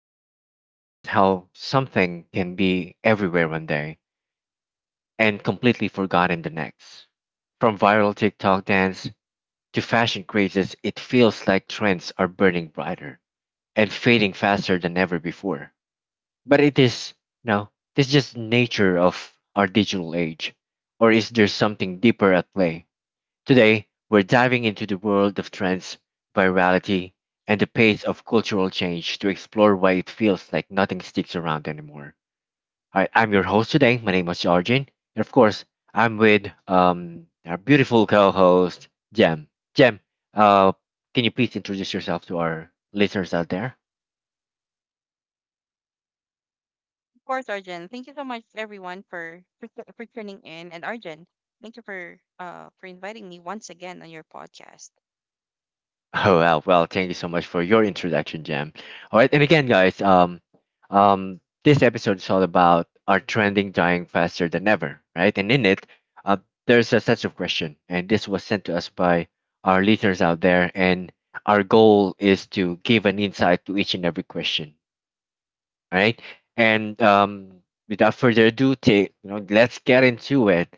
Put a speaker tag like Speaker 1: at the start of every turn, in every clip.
Speaker 1: And have you ever noticed how something can be everywhere one day and completely forgotten the next? From viral TikTok dance to fashion crazes, it feels like trends are burning brighter and fading faster than ever before. But it is, no, this just nature of our digital age. Or is there something deeper at play? Today, we're diving into the world of trends, virality, and the pace of cultural change to explore why it feels like nothing sticks around anymore. All right, I'm your host today. My name is Arjun. And of course, I'm with our beautiful co host, Jem. Jem, uh, can you please introduce yourself to our listeners out there?
Speaker 2: Of course, Arjun. Thank you so much, everyone, for tuning in, and Arjun, thank you for inviting me once again on your podcast.
Speaker 1: Oh well, thank you so much for your introduction, Jam. All right, and again, guys, this episode is all about are trending dying faster than ever, right? And in it, uh, there's a such of question, and this was sent to us by our listeners out there, and our goal is to give an insight to each and every question, all right? And without further ado, let's get into it.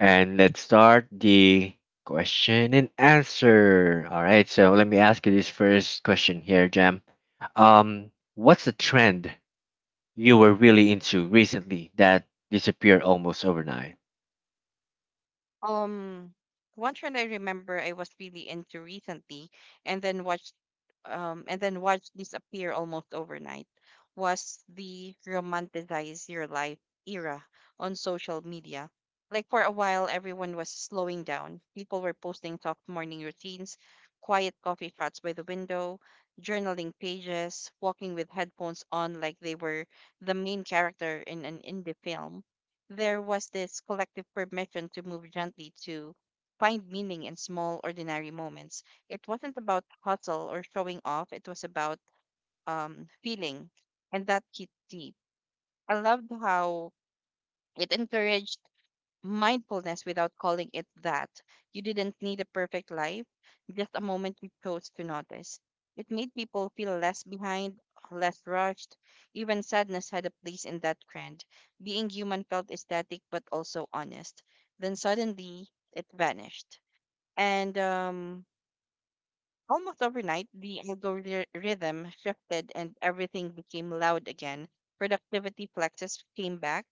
Speaker 1: And let's start the question and answer. All right, so let me ask you this first question here, Jam. What's the trend you were really into recently that disappeared almost overnight?
Speaker 2: Um, One trend I remember I was really into recently, and then watched, and then watched disappear almost overnight, was the romanticize your life era on social media. Like for a while, everyone was slowing down. People were posting soft morning routines, quiet coffee shots by the window, journaling pages, walking with headphones on like they were the main character in an indie film. There was this collective permission to move gently, to find meaning in small ordinary moments. It wasn't about hustle or showing off. It was about feeling, and that hit deep. I loved how it encouraged mindfulness without calling it that. You didn't need a perfect life, just a moment you chose to notice. It made people feel less behind, less rushed. Even sadness had a place in that trend. Being human felt ecstatic but also honest. Then suddenly, it vanished. And Almost overnight, the algorithm shifted and everything became loud again. Productivity plexus came back.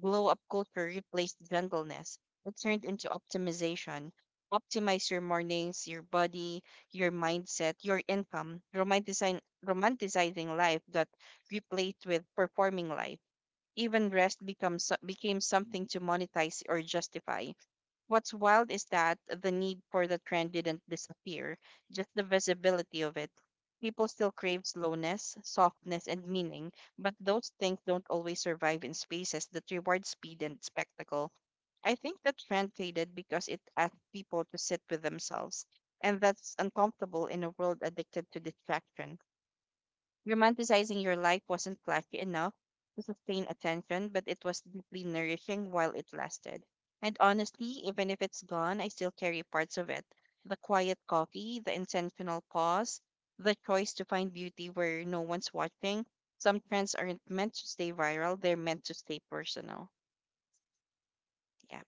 Speaker 2: Glow up culture replaced gentleness. It turned into optimization. Optimize your mornings, your body, your mindset, your income. Romanticizing life got replaced with performing life. Even rest became something to monetize or justify. What's wild is that the need for the trend didn't disappear, just the visibility of it. People still crave slowness, softness, and meaning, but those things don't always survive in spaces that reward speed and spectacle. I think the trend faded because it asked people to sit with themselves, and that's uncomfortable in a world addicted to distraction. Romanticizing your life wasn't flashy enough to sustain attention, but it was deeply nourishing while it lasted. And honestly, even if it's gone, I still carry parts of it. The quiet coffee, the intentional pause, the choice to find beauty where no one's watching. Some trends aren't meant to stay viral, they're meant to stay personal. Yeah,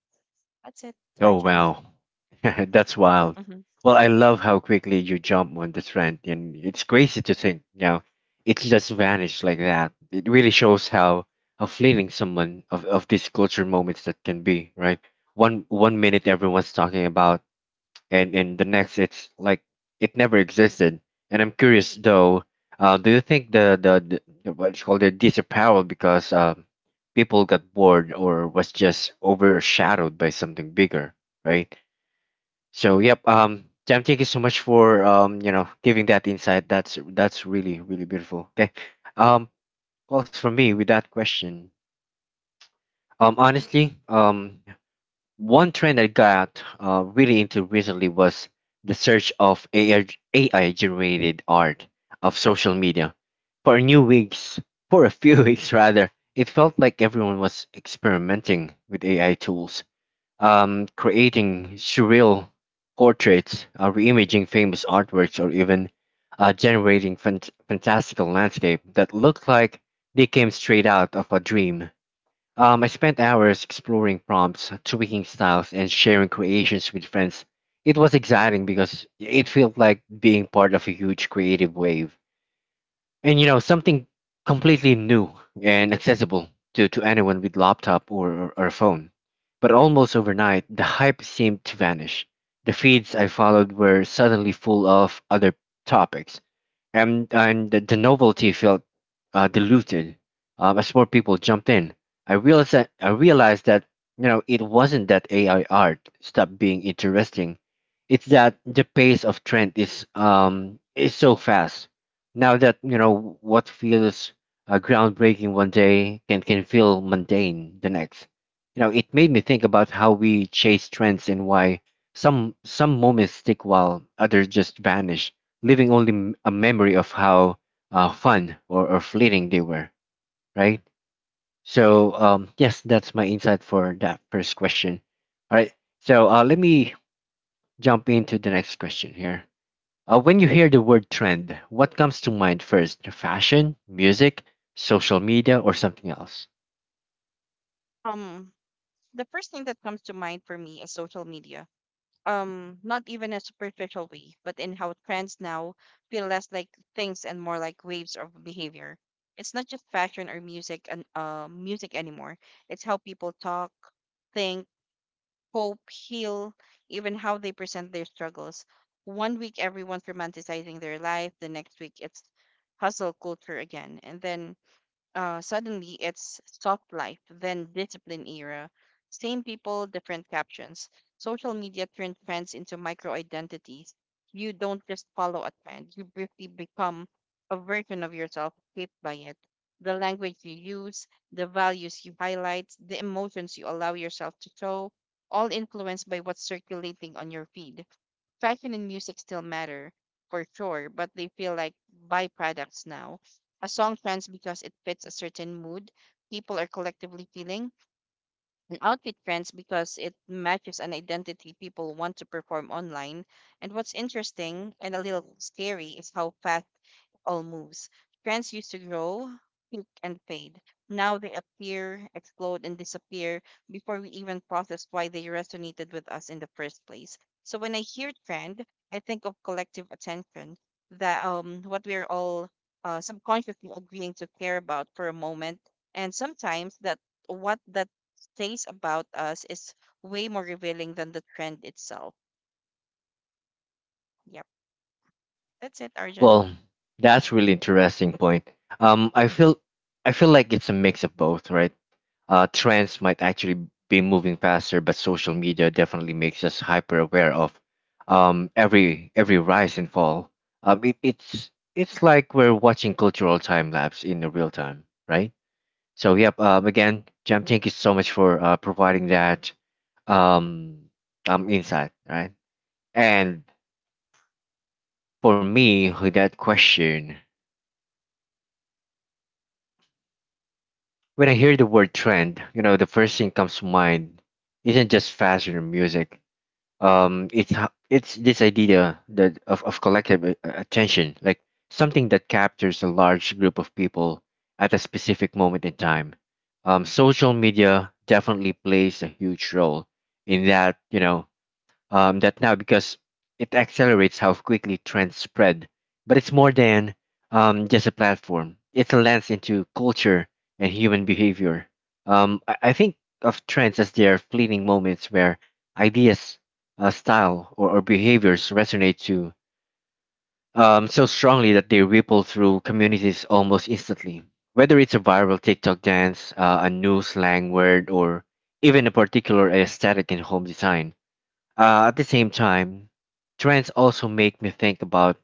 Speaker 2: that's it,
Speaker 1: Oh
Speaker 2: Arjun.
Speaker 1: wow, that's wild.
Speaker 2: Hmm.
Speaker 1: Well, I love how quickly you jump on the trend, and it's crazy to think, you know, it just vanished like that. It really shows how fleeting someone of these culture moments that can be, right? One minute everyone's talking about and in the next it's like it never existed. And I'm curious though, do you think the what you call it disappeared because people got bored or was just overshadowed by something bigger, right? So yep, Jam, thank you so much for you know, giving that insight. That's really really beautiful. Okay, um, well, for me with that question, honestly, one trend I got really into recently was the search of AI, generated art of social media. For a new weeks, for a few weeks rather, it felt like everyone was experimenting with AI tools, creating surreal portraits, reimaging famous artworks, or even generating fantastical landscape that looked like they came straight out of a dream. I spent hours exploring prompts, tweaking styles, and sharing creations with friends. It was exciting because it felt like being part of a huge creative wave. And you know, something completely new and accessible to anyone with laptop or phone. But almost overnight, the hype seemed to vanish. The feeds I followed were suddenly full of other topics and the novelty felt diluted as more people jumped in. I realized that you know it wasn't that AI art stopped being interesting. It's that the pace of trend is so fast. Now that you know what feels groundbreaking one day can feel mundane the next. You know, it made me think about how we chase trends and why some moments stick while others just vanish leaving only a memory of how fun or fleeting they were, right? So, yes, that's my insight for that first question. All right, so let me jump into the next question here. When you hear the word trend, what comes to mind first? Fashion, music, social media, or something else?
Speaker 2: Um, the first thing that comes to mind for me is social media, not even a superficial way, but in how trends now feel less like things and more like waves of behavior. It's not just fashion or music anymore. It's how people talk, think, hope, heal, even how they present their struggles. One week everyone's romanticizing their life, the next week it's hustle culture again, and then suddenly, it's soft life, then discipline era. Same people, different captions. Social media turned trends into micro identities. You don't just follow a trend, you briefly become a version of yourself shaped by it. The language you use, the values you highlight, the emotions you allow yourself to show, all influenced by what's circulating on your feed. Fashion and music still matter for sure, but they feel like byproducts now. A song trends because it fits a certain mood people are collectively feeling, and outfit trends because it matches an identity people want to perform online. And what's interesting and a little scary is how fast it all moves. Trends used to grow, peak, and fade. Now they appear, explode, and disappear before we even process why they resonated with us in the first place. So when I hear trend, I think of collective attention, that what we're all subconsciously agreeing to care about for a moment, and sometimes that what that says about us is way more revealing than the trend itself. Yep. That's it, Arjun.
Speaker 1: Well, that's really interesting point. Um, I feel I feel like it's a mix of both, right? Trends might actually be moving faster, but social media definitely makes us hyper aware of every rise and fall. It's like we're watching cultural time lapse in the real time, right? So yep. Again, Jam, thank you so much for providing that um, insight, right? And for me, with that question, when I hear the word trend, you know, the first thing comes to mind isn't just fashion or music. It's this idea that of collective attention, like something that captures a large group of people at a specific moment in time. Social media definitely plays a huge role in that, you know. That now because it accelerates how quickly trends spread. But it's more than just a platform, it's a lens into culture and human behavior. I think of trends as their fleeting moments where ideas, style, or behaviors resonate to so strongly that they ripple through communities almost instantly. Whether it's a viral TikTok dance, a new slang word, or even a particular aesthetic in home design, at the same time, trends also make me think about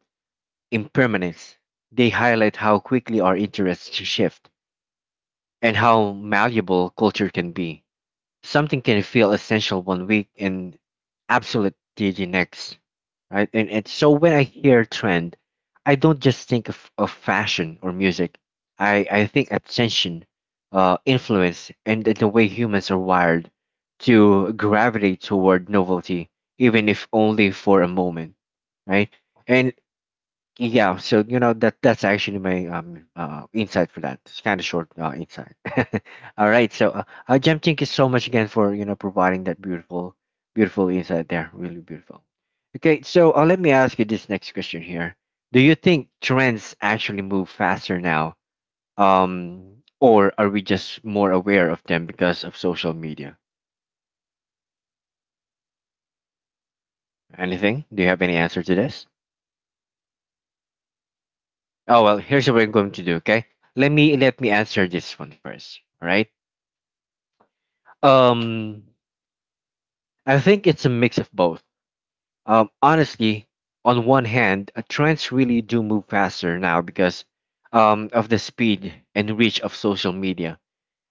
Speaker 1: impermanence. They highlight how quickly our interests shift and how malleable culture can be. Something can feel essential one week and obsolete the next, right? And so when I hear trend, I don't just think of fashion or music. I think attention, influence, and the way humans are wired to gravitate toward novelty, even if only for a moment, right? And yeah, so you know that's actually my insight for that. It's kind of short insight. All right, so Jem, thank you so much again for you know providing that beautiful insight there, really beautiful. Okay, so let me ask you this next question here. Do you think trends actually move faster now, um or are we just more aware of them because of social media? Anything, do you have any answer to this? Oh well, here's what I'm going to do. Okay, let me answer this one first. All right. Um, I think it's a mix of both. Honestly, on one hand, trends really do move faster now because of the speed and reach of social media.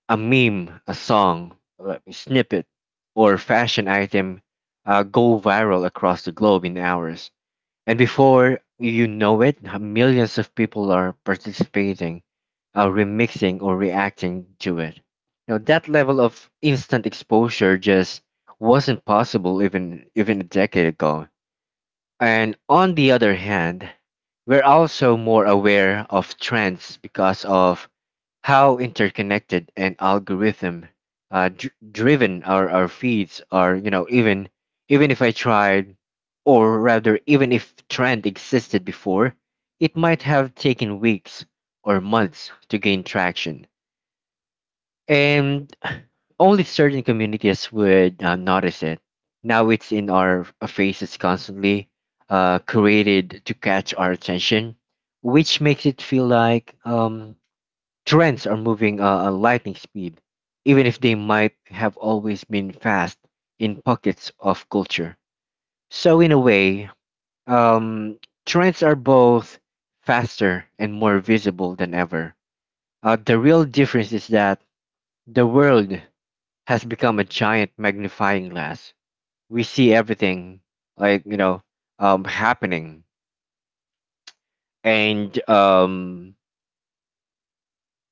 Speaker 1: A meme, a song, a snippet, or fashion item go viral across the globe in hours. And before you know it, millions of people are participating, remixing, or reacting to it. Now, that level of instant exposure just wasn't possible even a decade ago. And on the other hand, we're also more aware of trends because of how interconnected and algorithm driven our feeds are. You know, even if I tried, or rather even if trend existed before, it might have taken weeks or months to gain traction, and only certain communities would notice it. Now it's in our faces constantly, created to catch our attention, which makes it feel like trends are moving at lightning speed, even if they might have always been fast in pockets of culture. So, in a way, um, trends are both faster and more visible than ever. The real difference is that the world has become a giant magnifying glass. We see everything, like, you know, happening. And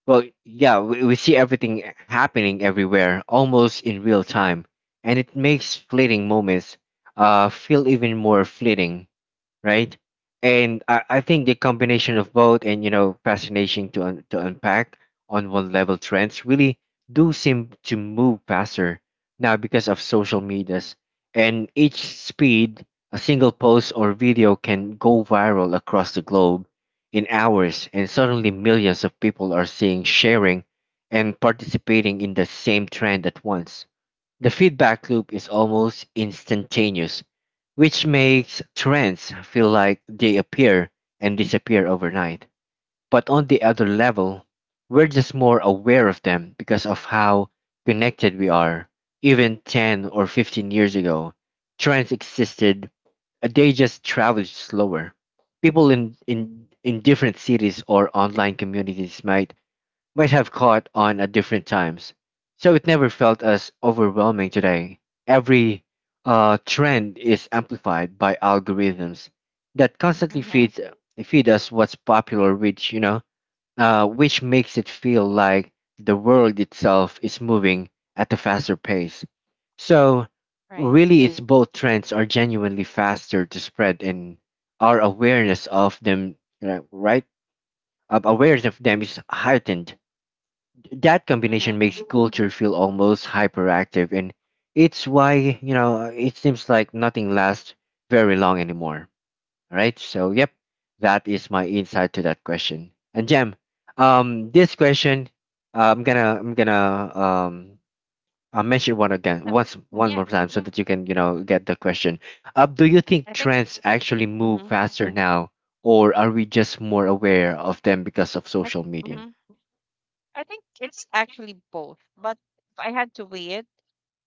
Speaker 1: Well, yeah, we see everything happening everywhere, almost in real time, and it makes fleeting moments feel even more fleeting, right? And I think the combination of both, and you know fascination to unpack. On one level trends really do seem to move faster now because of social medias and each speed. A single post or video can go viral across the globe in hours, and suddenly millions of people are seeing, sharing, and participating in the same trend at once. The feedback loop is almost instantaneous, which makes trends feel like they appear and disappear overnight. But on the other level, we're just more aware of them because of how connected we are. Even 10 or 15 years ago, trends existed, they just traveled slower. People in different cities or online communities might have caught on at different times, so it never felt as overwhelming today. Every trend is amplified by algorithms that constantly
Speaker 2: Mm-hmm.
Speaker 1: feeds feed us what's popular, which you know, which makes it feel like the world itself is moving at a faster pace. So,
Speaker 2: Right.
Speaker 1: really, it's both. Trends are genuinely faster to spread, and our awareness of them, right? Our awareness of them is heightened. That combination
Speaker 2: Mm-hmm.
Speaker 1: makes
Speaker 2: Hmm.
Speaker 1: culture feel almost hyperactive, and it's why it seems like nothing lasts very long anymore. All right, so yep, that is my insight to that question. And Jam, this question, I'm gonna I'll mention one again
Speaker 2: No.
Speaker 1: once one
Speaker 2: Yeah,
Speaker 1: more time so that you can get the question. Do you think
Speaker 2: I think.
Speaker 1: trends actually move
Speaker 2: Mm-hmm.
Speaker 1: faster now, or are we just more aware of them because of
Speaker 2: I,
Speaker 1: social media?
Speaker 2: mm-hmm. I think it's actually both, but if I had to weigh it,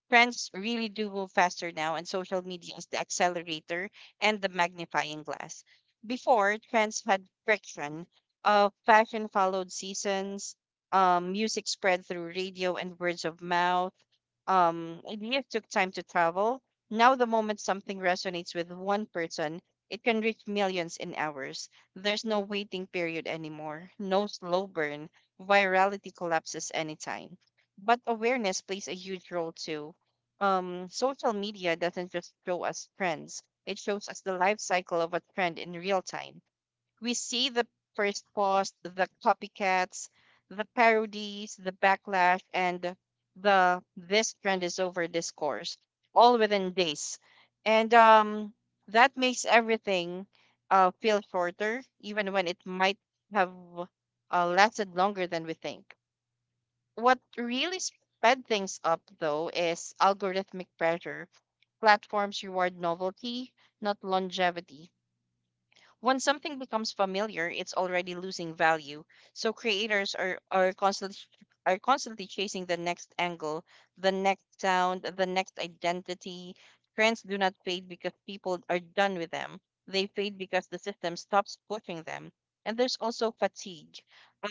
Speaker 2: trends really do move faster now, and social media is the accelerator and the magnifying glass. Before, trends had friction. Fashion followed seasons, music spread through radio and words of mouth. Ideas took time to travel. Now, the moment something resonates with one person, it can reach millions in hours. There's no waiting period anymore, no slow burn. Virality collapses anytime. But awareness plays a huge role too. Social media doesn't just show us trends, it shows us the life cycle of a trend in real time. We see the first post, the copycats, the parodies, the backlash, and the this trend is over discourse all within days. And that makes everything feel shorter, even when it might have lasted longer than we think. What really sped things up, though, is algorithmic pressure. Platforms reward novelty, not longevity. When something becomes familiar, it's already losing value. So creators are constantly chasing the next angle, the next sound, the next identity. Trends do not fade because people are done with them. They fade because the system stops pushing them. And there's also fatigue.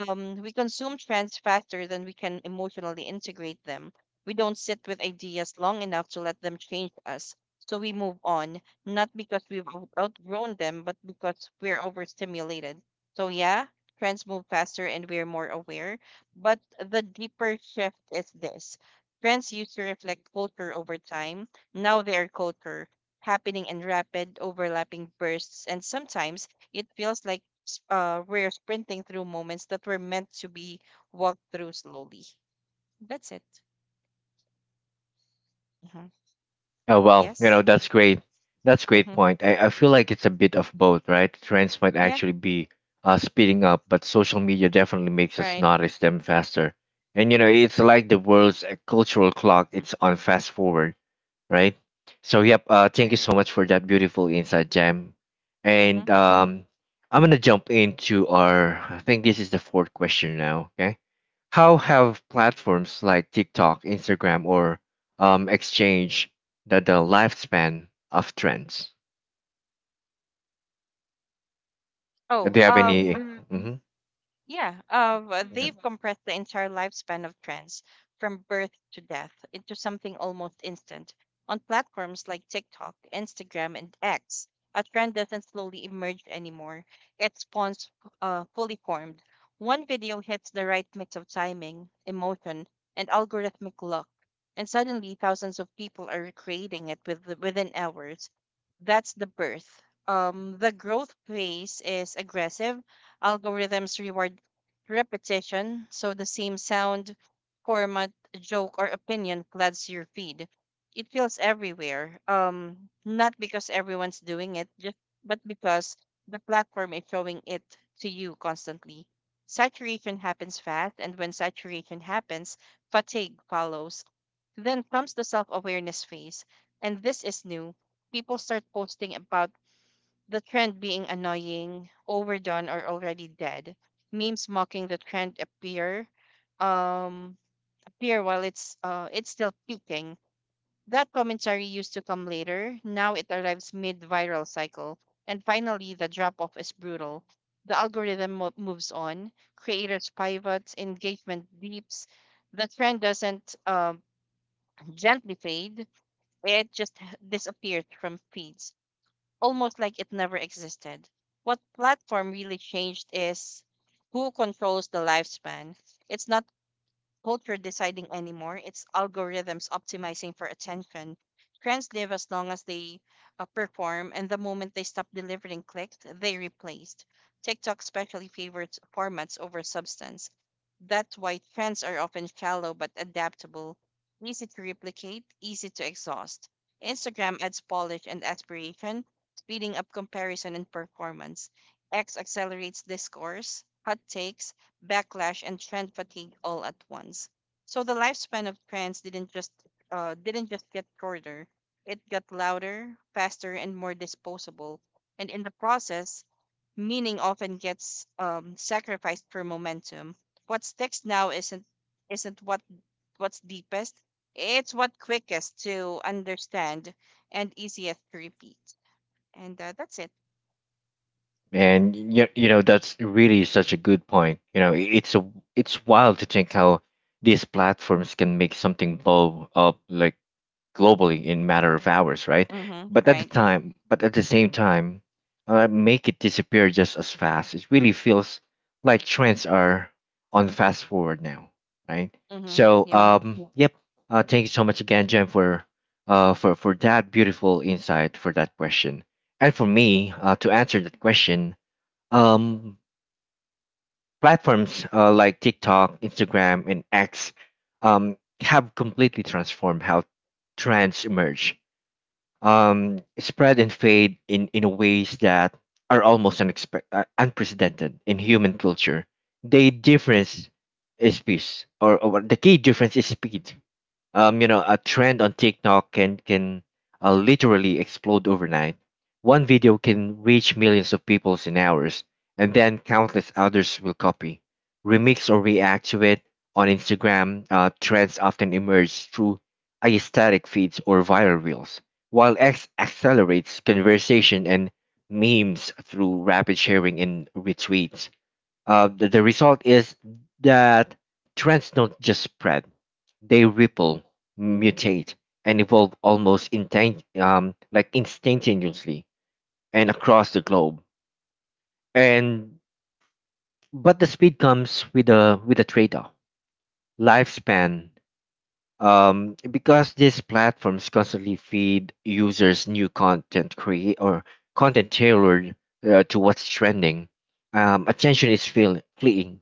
Speaker 2: We consume trends faster than we can emotionally integrate them. We don't sit with ideas long enough to let them change us. So we move on not because we've outgrown them, but because we're overstimulated. So, yeah, trends move faster and we're more aware. But the deeper shift is this: trends used to reflect culture over time. Now they are culture, happening in rapid, overlapping bursts. And sometimes it feels like we're sprinting through moments that were meant to be walked through slowly. That's it. Hmm.
Speaker 1: Oh well,
Speaker 2: Yes.
Speaker 1: that's great. That's great
Speaker 2: Hmm.
Speaker 1: point. I feel like it's a bit of both, right? Trends might
Speaker 2: Yeah.
Speaker 1: actually be speeding up, but social media definitely makes us
Speaker 2: Right.
Speaker 1: notice them faster. And it's like the world's cultural clock.
Speaker 2: Mhm.
Speaker 1: It's on fast forward, right? So yep. Thank
Speaker 2: Right.
Speaker 1: you
Speaker 2: Right.
Speaker 1: so much for that beautiful insight, Jam.
Speaker 2: Mhm.
Speaker 1: And I'm gonna jump into our. I think this is the fourth question now. Okay. How have platforms like TikTok, Instagram, or Exchange the lifespan of trends?
Speaker 2: Oh,
Speaker 1: Do you have any? Hmm.
Speaker 2: yeah.
Speaker 1: Okay.
Speaker 2: They've compressed the entire lifespan of trends from birth to death into something almost instant. On platforms like TikTok, Instagram, and X, a trend doesn't slowly emerge anymore. It spawns fully formed. One video hits the right mix of timing, emotion, and algorithmic luck, and suddenly thousands of people are recreating it within hours. That's the birth. The growth phase is aggressive. Algorithms reward repetition, so the same sound, format, joke, or opinion floods your feed. It feels everywhere. Not because everyone's doing it, just but because the platform is showing it to you constantly. Saturation happens fast, and when saturation happens, fatigue follows. Then comes the self awareness phase. And this is new. People start posting about the trend being annoying, overdone, or already dead. Memes mocking the trend um, appear while it's still peaking. That commentary used to come later. Now it arrives mid-viral cycle, and finally the drop-off is brutal. The algorithm moves on. Creators pivots. Engagement dips. The trend doesn't gently fade. It just disappears from feeds almost like it never existed. What platform really changed is who controls the lifespan. It's not culture deciding anymore. It's algorithms optimizing for attention. Trends live as long as they perform, and the moment they stop delivering clicks, they replaced. TikTok especially favors formats over substance. That's why trends are often shallow but adaptable, easy to replicate, easy to exhaust. Instagram adds polish and aspiration, speeding up comparison and performance. X accelerates discourse, hot takes, backlash, and trend fatigue all at once. So the lifespan of trends didn't just get shorter; it got louder, faster, and more disposable. And in the process, meaning often gets sacrificed for momentum. What sticks now isn't what's deepest; it's what quickest to understand and easiest to repeat. And that's it.
Speaker 1: And that's really such a good point. It's a it's wild to think how these platforms can make something blow up like globally in matter of hours, right?
Speaker 2: Mm-hmm. Right here.
Speaker 1: But at the same time, make it disappear just as fast. It really feels like trends are on fast forward now, right?
Speaker 2: Mm-hmm.
Speaker 1: So,
Speaker 2: Yep.
Speaker 1: yeah, yep. Thank you so much again, Jen, for for that beautiful insight for that question. And for me, to answer that question, um, platforms like TikTok, Instagram, and X have completely transformed how trends emerge, spread and fade in ways that are almost unprecedented in human culture. The difference is peace, or the key difference is speed. A trend on TikTok can literally explode overnight. One video can reach millions of people in hours, and then countless others will copy, remix, or react to it. On Instagram, trends often emerge through aesthetic feeds or viral reels, while X accelerates conversation and memes through rapid sharing and retweets. The result is that trends don't just spread, they ripple, mutate, and evolve almost intent, like instantaneously and across the globe. And But the speed comes with a trade-off. Lifespan, because these platforms constantly feed users new content create or content tailored to what's trending. Attention is fleeting.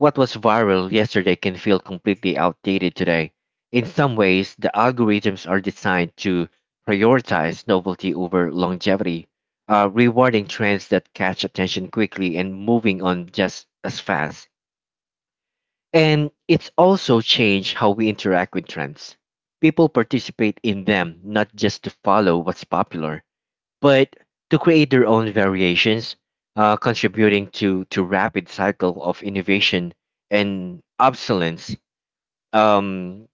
Speaker 1: What was viral yesterday can feel completely outdated today. In some ways, the algorithms are designed to prioritize novelty over longevity, rewarding trends that catch attention quickly and moving on just as fast. And it's also changed how we interact with trends. People participate in them not just to follow what's popular, but to create their own variations, contributing to rapid cycle of innovation and obsolescence. Um,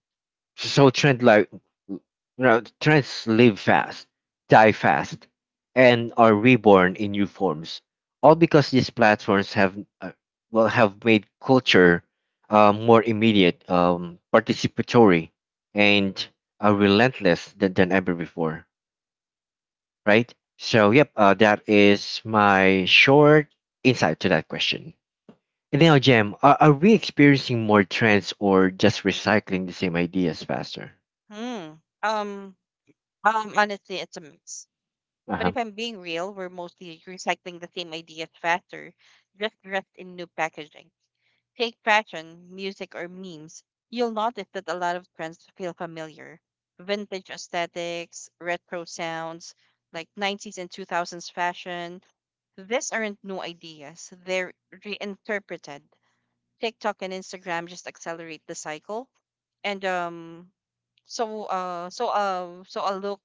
Speaker 1: so you trends live fast, die fast, and are reborn in new forms. All because these platforms have have made culture more immediate, participatory, and relentless than ever before, right? So, yep, that is my short insight to that question. And now, Jem, are we experiencing more trends or just recycling the same ideas faster?
Speaker 2: Hmm. Um. Honestly, it's a mix. But
Speaker 1: Uh-huh.
Speaker 2: if I'm being real, we're mostly recycling the same ideas faster, just dressed in new packaging. Take fashion, music, or memes. You'll notice that a lot of trends feel familiar. Vintage aesthetics, retro sounds, like '90s and 2000s fashion. These aren't new ideas, they're reinterpreted. TikTok and Instagram just accelerate the cycle. And so a look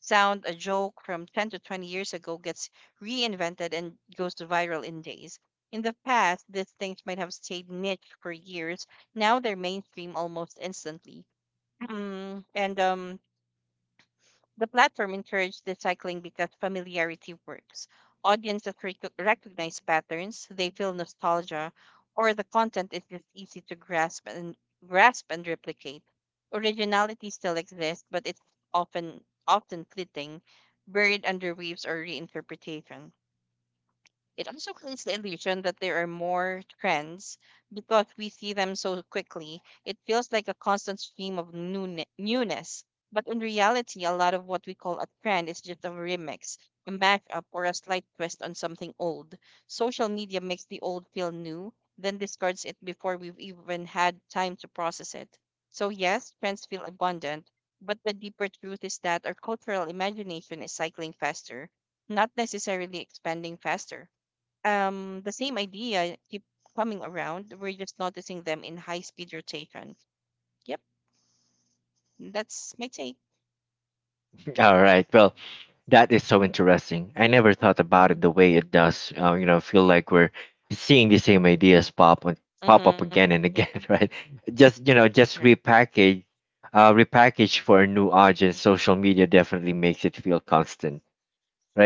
Speaker 2: sound, a joke from 10 to 20 years ago gets reinvented and goes to viral in days. In the past, these things might have stayed niche for years. Now they're mainstream almost instantly. And the platform encouraged the cycling because familiarity works. Audiences recognize patterns, they feel nostalgia, or the content is just easy to grasp and replicate. Originality still exists, but it's often fleeting, buried under waves or reinterpretation. It also creates the illusion that there are more trends because we see them so quickly. It feels like a constant stream of newness. But in reality, a lot of what we call a trend is just a remix, a mashup, or a slight twist on something old. Social media makes the old feel new, then discards it before we've even had time to process it. So, yes, trends feel abundant, but the deeper truth is that our cultural imagination is cycling faster, not necessarily expanding faster. The same idea keep coming around, we're just noticing them in high speed rotation. Yep, that's my take.
Speaker 1: All right. Well, that is so interesting. I never thought about
Speaker 2: Mm-hmm.
Speaker 1: it the way it does. Feel like we're seeing the same ideas pop up
Speaker 2: Mm-hmm.
Speaker 1: again and
Speaker 2: Yeah.
Speaker 1: again, right? Just
Speaker 2: Right.
Speaker 1: just repackage, repackage for a new audience. Social media definitely makes it feel constant.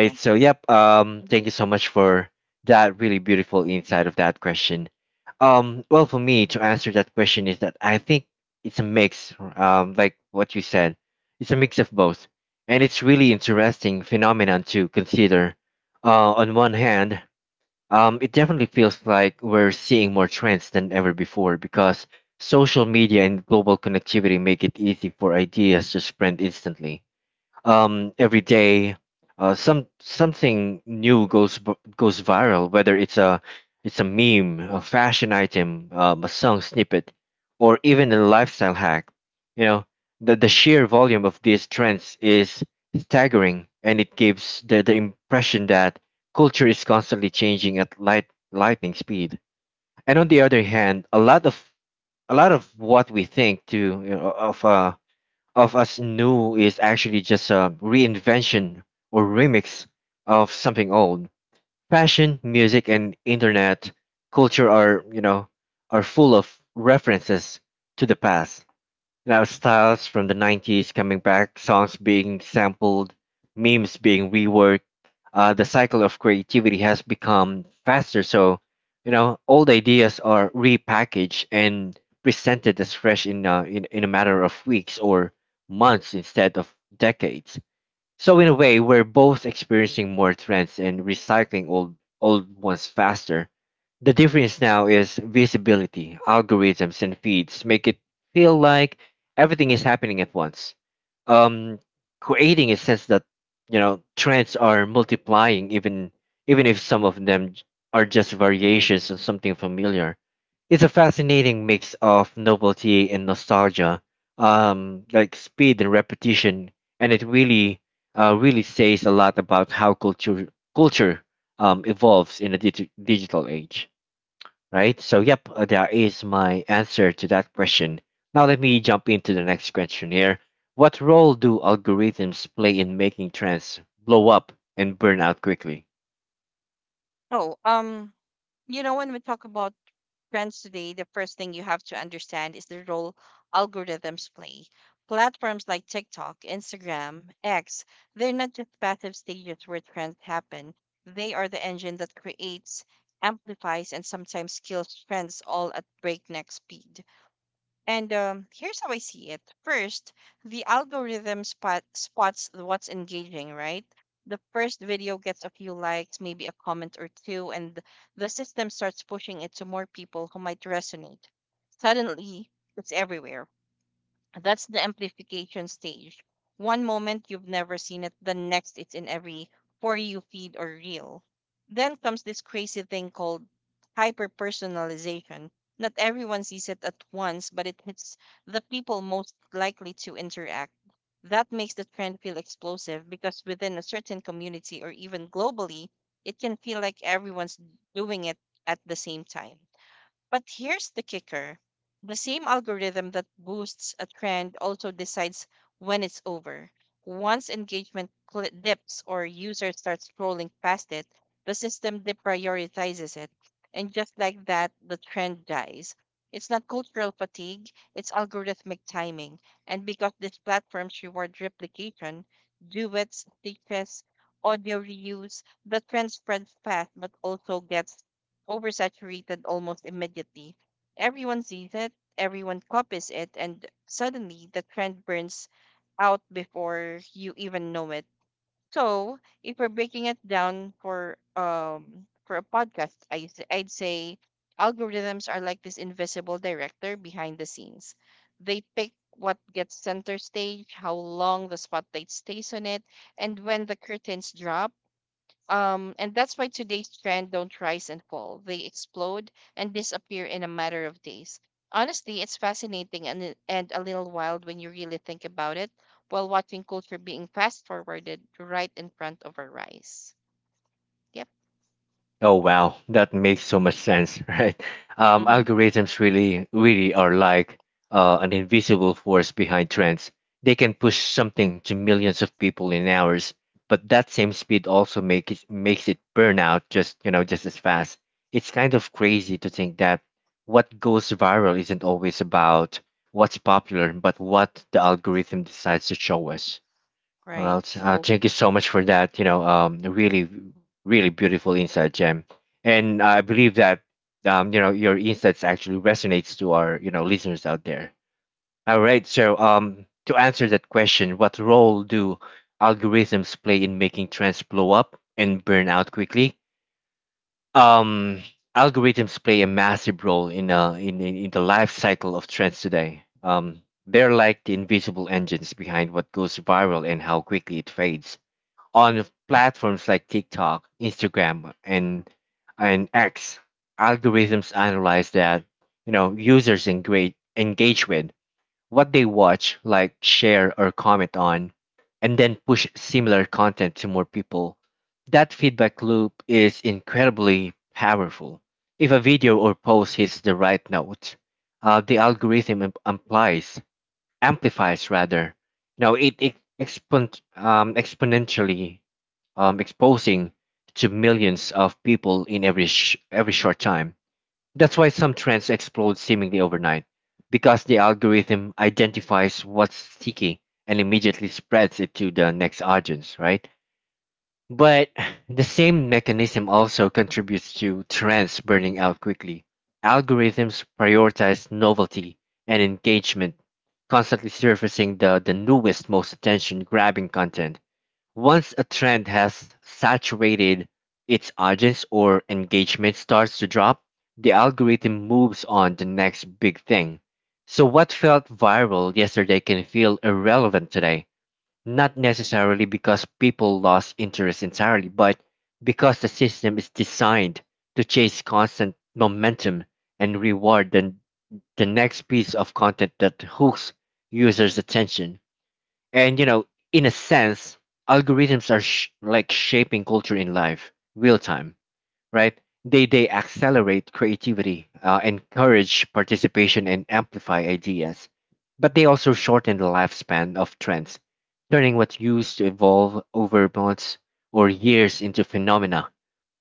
Speaker 2: Yeah.
Speaker 1: So, yep.
Speaker 2: Hmm.
Speaker 1: Thank you so much for that really beautiful insight of that question. Well, for me to answer that question is that I think it's a mix. Like what you said, it's a mix of both, and it's really interesting phenomenon to consider. On one hand, it definitely feels like we're seeing more trends than ever before, because social media and global connectivity make it easy for ideas to spread instantly every day. Something new goes goes viral, whether it's a meme, a fashion item, a song snippet, or even a lifestyle hack. you know the sheer volume of these trends is staggering, and it gives the impression that culture is constantly changing at lightning speed. And on the other hand, a lot of what we think to you know, of us new is actually just a reinvention or remix of something old. Fashion, music, and internet culture are, are full of references to the past. Now styles from the 90s coming back, songs being sampled, memes being reworked. The cycle of creativity has become faster, so old ideas are repackaged and presented as fresh in in a matter of weeks or months instead of decades. So in a way, we're both experiencing more trends and recycling old ones faster. The difference now is visibility. Algorithms and feeds make it feel like everything is happening at once. Um, creating a sense that trends are multiplying, even if some of them are just variations of something familiar. It's a fascinating mix of novelty and nostalgia, like speed and repetition, and it really really says a lot about how culture evolves in a digital age, right? So, yep, that is my answer to that question. Now, let me jump into the next question here. What role do algorithms play in making trends blow up and burn out quickly?
Speaker 2: Oh, when we talk about trends today, the first thing you have to understand is the role algorithms play. Platforms like TikTok, Instagram, X — they're not just passive stages where trends happen. They are the engine that creates, amplifies, and sometimes kills trends, all at breakneck speed. And here's how I see it. First, the algorithm spots what's engaging, right? The first video gets a few likes, maybe a comment or two, and the system starts pushing it to more people who might resonate. Suddenly, it's everywhere. That's the amplification stage. One moment you've never seen it, the next it's in every for you feed or reel. Then comes this crazy thing called hyper personalization. Not everyone sees it at once, but it hits the people most likely to interact. That makes the trend feel explosive, because within a certain community or even globally, it can feel like everyone's doing it at the same time. But here's the kicker: the same algorithm that boosts a trend also decides when it's over. Once engagement dips or users start scrolling past it, the system deprioritizes it. And just like that, the trend dies. It's not cultural fatigue, it's algorithmic timing. And because these platforms reward replication, duets, stitches, audio reuse, the trend spreads fast but also gets oversaturated almost immediately. Everyone sees it, everyone copies it, and suddenly the trend burns out before you even know it. So, if we're breaking it down for a podcast, I'd say algorithms are like this invisible director behind the scenes. They pick what gets center stage, how long the spotlight stays on it, and when the curtains drop. And that's why today's trend don't rise and fall. They explode and disappear in a matter of days. Honestly, it's fascinating and a little wild when you really think about it, while watching culture being fast forwarded right in front of our eyes. Yep.
Speaker 1: Oh wow, that makes so much sense, right?
Speaker 2: Mm-hmm.
Speaker 1: Algorithms really are like an invisible force behind trends. They can push something to millions of people in hours, but that same speed also makes it burn out just you know just as fast. It's kind of crazy to think that what goes viral isn't always about what's popular, but what the algorithm decides to show us. Well,
Speaker 2: Right.
Speaker 1: thank you so much for that. Really, really beautiful insight, Jem. And I believe that, your insights actually resonates to our, listeners out there. All right. So, to answer that question, what role do algorithms play in making trends blow up and burn out quickly? Um, Algorithms play a massive role in, in the life cycle of trends today. They're like the invisible engines behind what goes viral and how quickly it fades on platforms like TikTok, Instagram, and X. Algorithms analyze that users engage with what they watch, like, share or comment on, and then push similar content to more people. That feedback loop is incredibly powerful. If a video or post hits the right note, the algorithm ap- applies amplifies rather. It exponentially exposing to millions of people in every every short time. That's why some trends explode seemingly overnight, because the algorithm identifies what's sticky and immediately spreads it to the next audience, right? But the same mechanism also contributes to trends burning out quickly. Algorithms prioritize novelty and engagement, constantly surfacing the newest, most attention grabbing content. Once a trend has saturated its audience or engagement starts to drop, the algorithm moves on the next big thing. So, what felt viral yesterday can feel irrelevant today. Not necessarily because people lost interest entirely, but because the system is designed to chase constant momentum and reward the next piece of content that hooks users' attention. And, you know, in a sense, algorithms are like shaping culture in live real time, right? They accelerate creativity, encourage participation, and amplify ideas. But they also shorten the lifespan of trends, turning what used to evolve over months or years into phenomena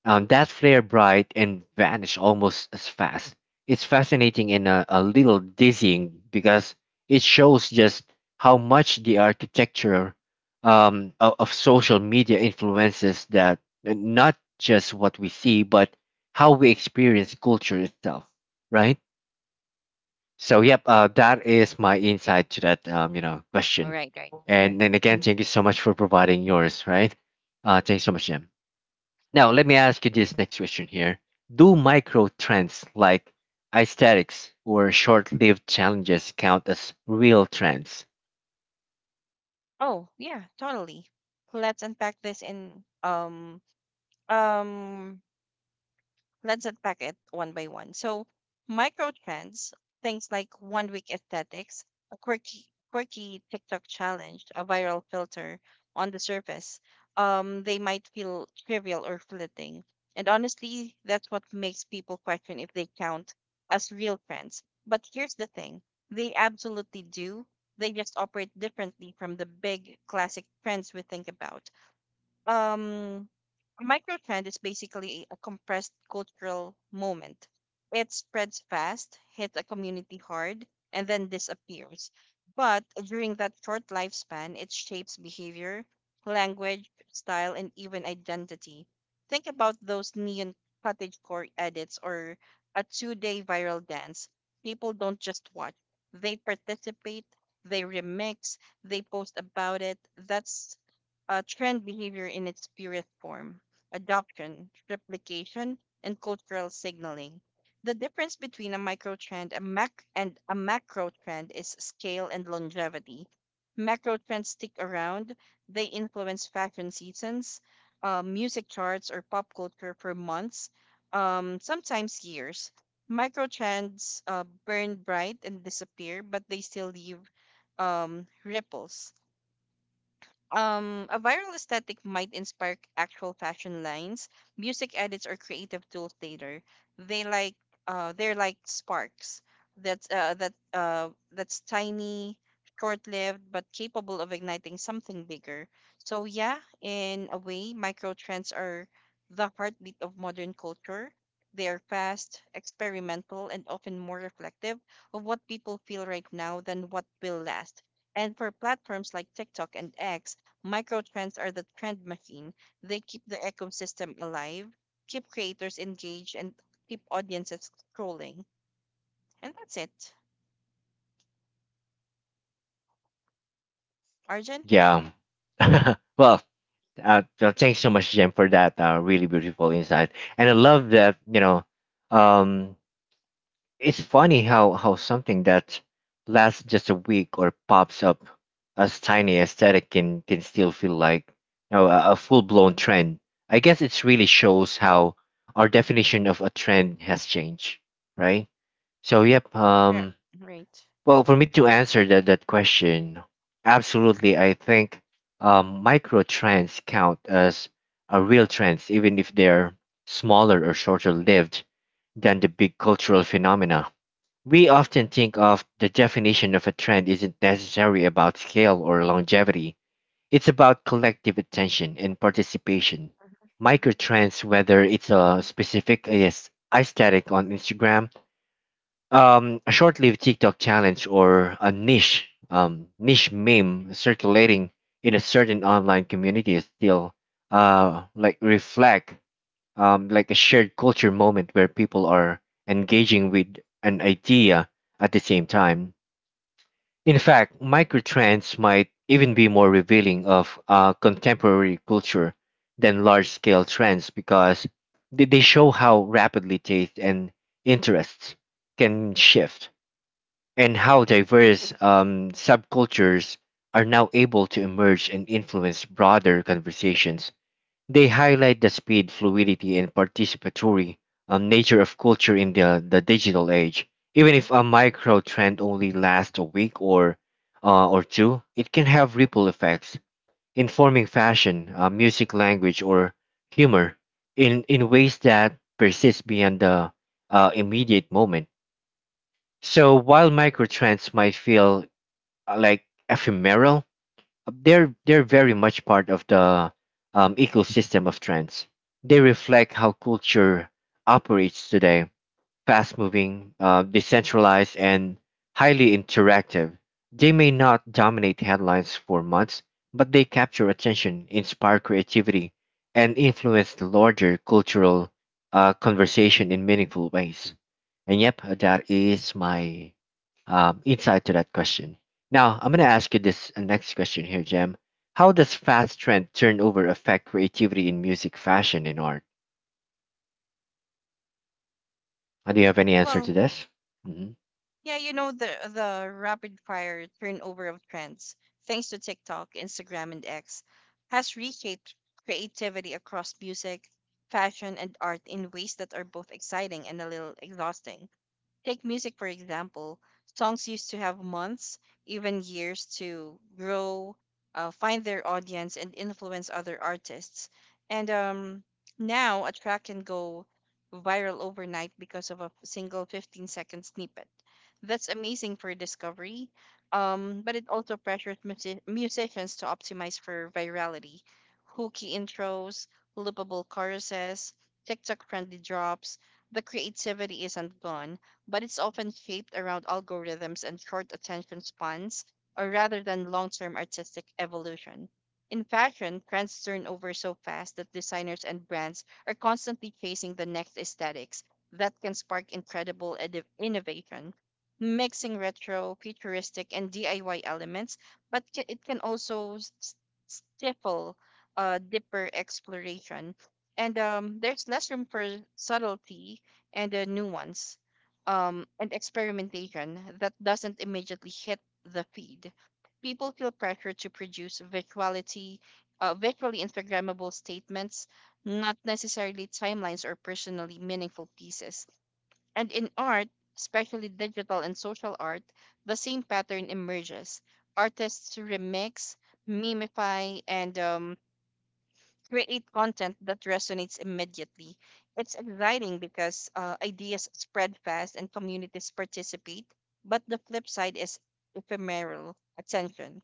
Speaker 1: that flare bright and vanish almost as fast. It's fascinating and a little dizzying, because it shows just how much the architecture of social media influences that not just what we see, but how we experience culture itself, right? So, yep, that is my insight to that,
Speaker 2: All
Speaker 1: question.
Speaker 2: right. Right. Mhm.
Speaker 1: And then again, thank you so much for providing yours, right? Thanks so much, Jim. Now, let me ask you this next question here. Do micro trends like aesthetics or short lived challenges count as real trends?
Speaker 2: Oh, yeah, totally. Let's unpack this in um um Let's unpack it one by one. So, micro trends, things like 1-week aesthetics, a quirky TikTok challenge, a viral filter — on the surface, they might feel trivial or fleeting. And honestly, that's what makes people question if they count as real trends. But here's the thing: they absolutely do. They just operate differently from the big classic trends we think about. Um, a microtrend is basically a compressed cultural moment. It spreads fast, hits a community hard, and then disappears. But during that short lifespan, it shapes behavior, language, style, and even identity. Think about those neon cottagecore edits or a 2-day viral dance. People don't just watch, they participate, they remix, they post about it. That's trend behavior in its purest form: adoption, replication, and cultural signaling. The difference between a microtrend and a macro trend is scale and longevity. Macro trends stick around. They influence fashion seasons, music charts, or pop culture for months, sometimes years. Microtrends burn bright and disappear, but they still leave ripples. A viral aesthetic might inspire actual fashion lines, music edits, or creative tools later. They like they're like sparks that's tiny, short-lived, but capable of igniting something bigger. So yeah, in a way, micro trends are the heartbeat of modern culture. They are fast, experimental, and often more reflective of what people feel right now than what will last. And for platforms like TikTok and X, microtrends are the trend machine. They keep the ecosystem alive, keep creators engaged, and keep audiences scrolling. And that's it. Arjun?
Speaker 1: Yeah. Well, so thanks so much, Jen, for that really beautiful insight. And I love that, um, it's funny how something that lasts just a week or pops up as tiny aesthetic can still feel like a full blown trend. I guess it really shows how our definition of a trend has changed, right? So yep,
Speaker 2: Yeah, right.
Speaker 1: well for me to answer that question, absolutely I think micro trends count as a real trends even if they're smaller or shorter lived than the big cultural phenomena we often think of. The definition of a trend isn't necessarily about scale or longevity. It's about collective attention and participation. Microtrends, whether it's a specific aesthetic on Instagram, a short-lived TikTok challenge, or a niche meme circulating in a certain online community, is still like reflect like a shared culture moment where people are engaging with an idea at the same time. In fact, microtrends might even be more revealing of contemporary culture than large scale trends because they show how rapidly taste and interests can shift and how diverse subcultures are now able to emerge and influence broader conversations. They highlight the speed, fluidity, and participatory nature of culture in the digital age. Even if a micro trend only lasts a week or two, it can have ripple effects, informing fashion, music, language, or humor in ways that persist beyond the immediate moment. So while micro trends might feel like ephemeral, they're very much part of the ecosystem of trends. They reflect how culture operates today: fast moving, decentralized, and highly interactive. They may not dominate headlines for months, but they capture attention, inspire creativity, and influence the larger cultural conversation in meaningful ways. And yep, that is my insight to that question. Now, I'm going to ask you this next question here, Jem. How does fast trend turnover affect creativity in music, fashion, and art? Do you have any answer to
Speaker 2: Well,
Speaker 1: this? Mm-hmm.
Speaker 2: yeah, the rapid fire turnover of trends, thanks to TikTok, Instagram, and X, has reshaped creativity across music, fashion, and art in ways that are both exciting and a little exhausting. Take music, for example. Songs used to have months, even years to grow, find their audience, and influence other artists. And now a track can go viral overnight because of a single 15-second snippet. That's amazing for discovery, but it also pressures musicians to optimize for virality. Hooky intros, loopable choruses, TikTok friendly drops — the creativity isn't gone, but it's often shaped around algorithms and short attention spans, or rather than long term artistic evolution. In fashion, trends turn over so fast that designers and brands are constantly chasing the next aesthetics that can spark incredible innovation. Mixing retro, futuristic, and DIY elements, but it can also stifle deeper exploration. And there's less room for subtlety and nuance and experimentation that doesn't immediately hit the feed. People feel pressure to produce visually Instagrammable statements, not necessarily timelines or personally meaningful pieces. And in art, especially digital and social art, the same pattern emerges. Artists remix, mimify, and create content that resonates immediately. It's exciting because ideas spread fast and communities participate, but the flip side is ephemeral attention.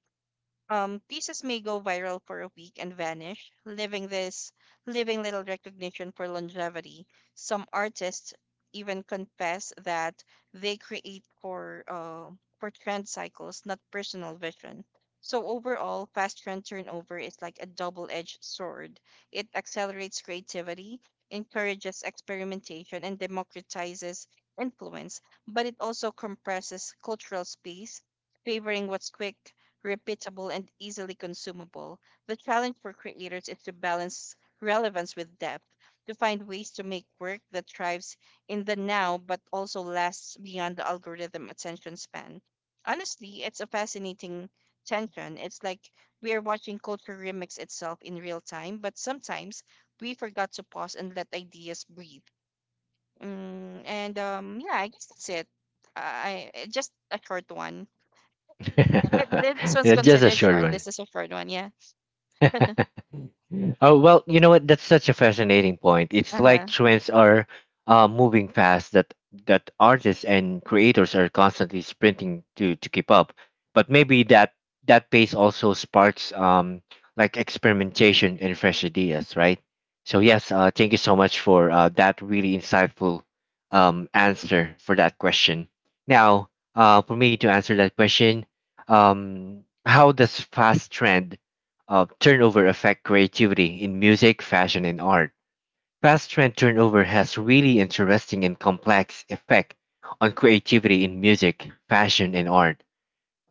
Speaker 2: Pieces may go viral for a week and vanish, leaving little recognition for longevity. Some artists even confess that they create for trend cycles, not personal vision. So overall, fast trend turnover is like a double-edged sword. It accelerates creativity, encourages experimentation, and democratizes influence, but it also compresses cultural space, favoring what's quick, repeatable, and easily consumable. The challenge for creators is to balance relevance with depth, to find ways to make work that thrives in the now but also lasts beyond the algorithm attention span. Honestly, it's a fascinating tension. It's like we are watching culture remix itself in real time, but sometimes we forgot to pause and let ideas breathe. Mm, and yeah, I guess that's it. Just a short one. But this one's
Speaker 1: Just a
Speaker 2: considered
Speaker 1: short
Speaker 2: short.
Speaker 1: one.
Speaker 2: This is a short one, yeah.
Speaker 1: Oh well, you know what? That's such a fascinating point. It's
Speaker 2: Uh
Speaker 1: like
Speaker 2: huh.
Speaker 1: trends are moving fast that artists and creators are constantly sprinting to keep up. But maybe that pace also sparks like experimentation and fresh ideas, right? So yes, thank you so much for that really insightful answer for that question. Now, for me to answer that question, how does fast trend turnover affect creativity in music, fashion, and art? Fast trend turnover has really interesting and complex effect on creativity in music, fashion, and art.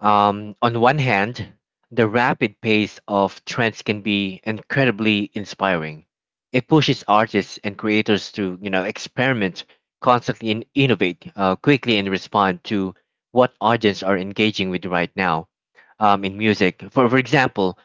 Speaker 1: On one hand, the rapid pace of trends can be incredibly inspiring. It pushes artists and creators to, you know, experiment, constantly and innovate, quickly and respond to what audience are engaging with right now, in music. For example,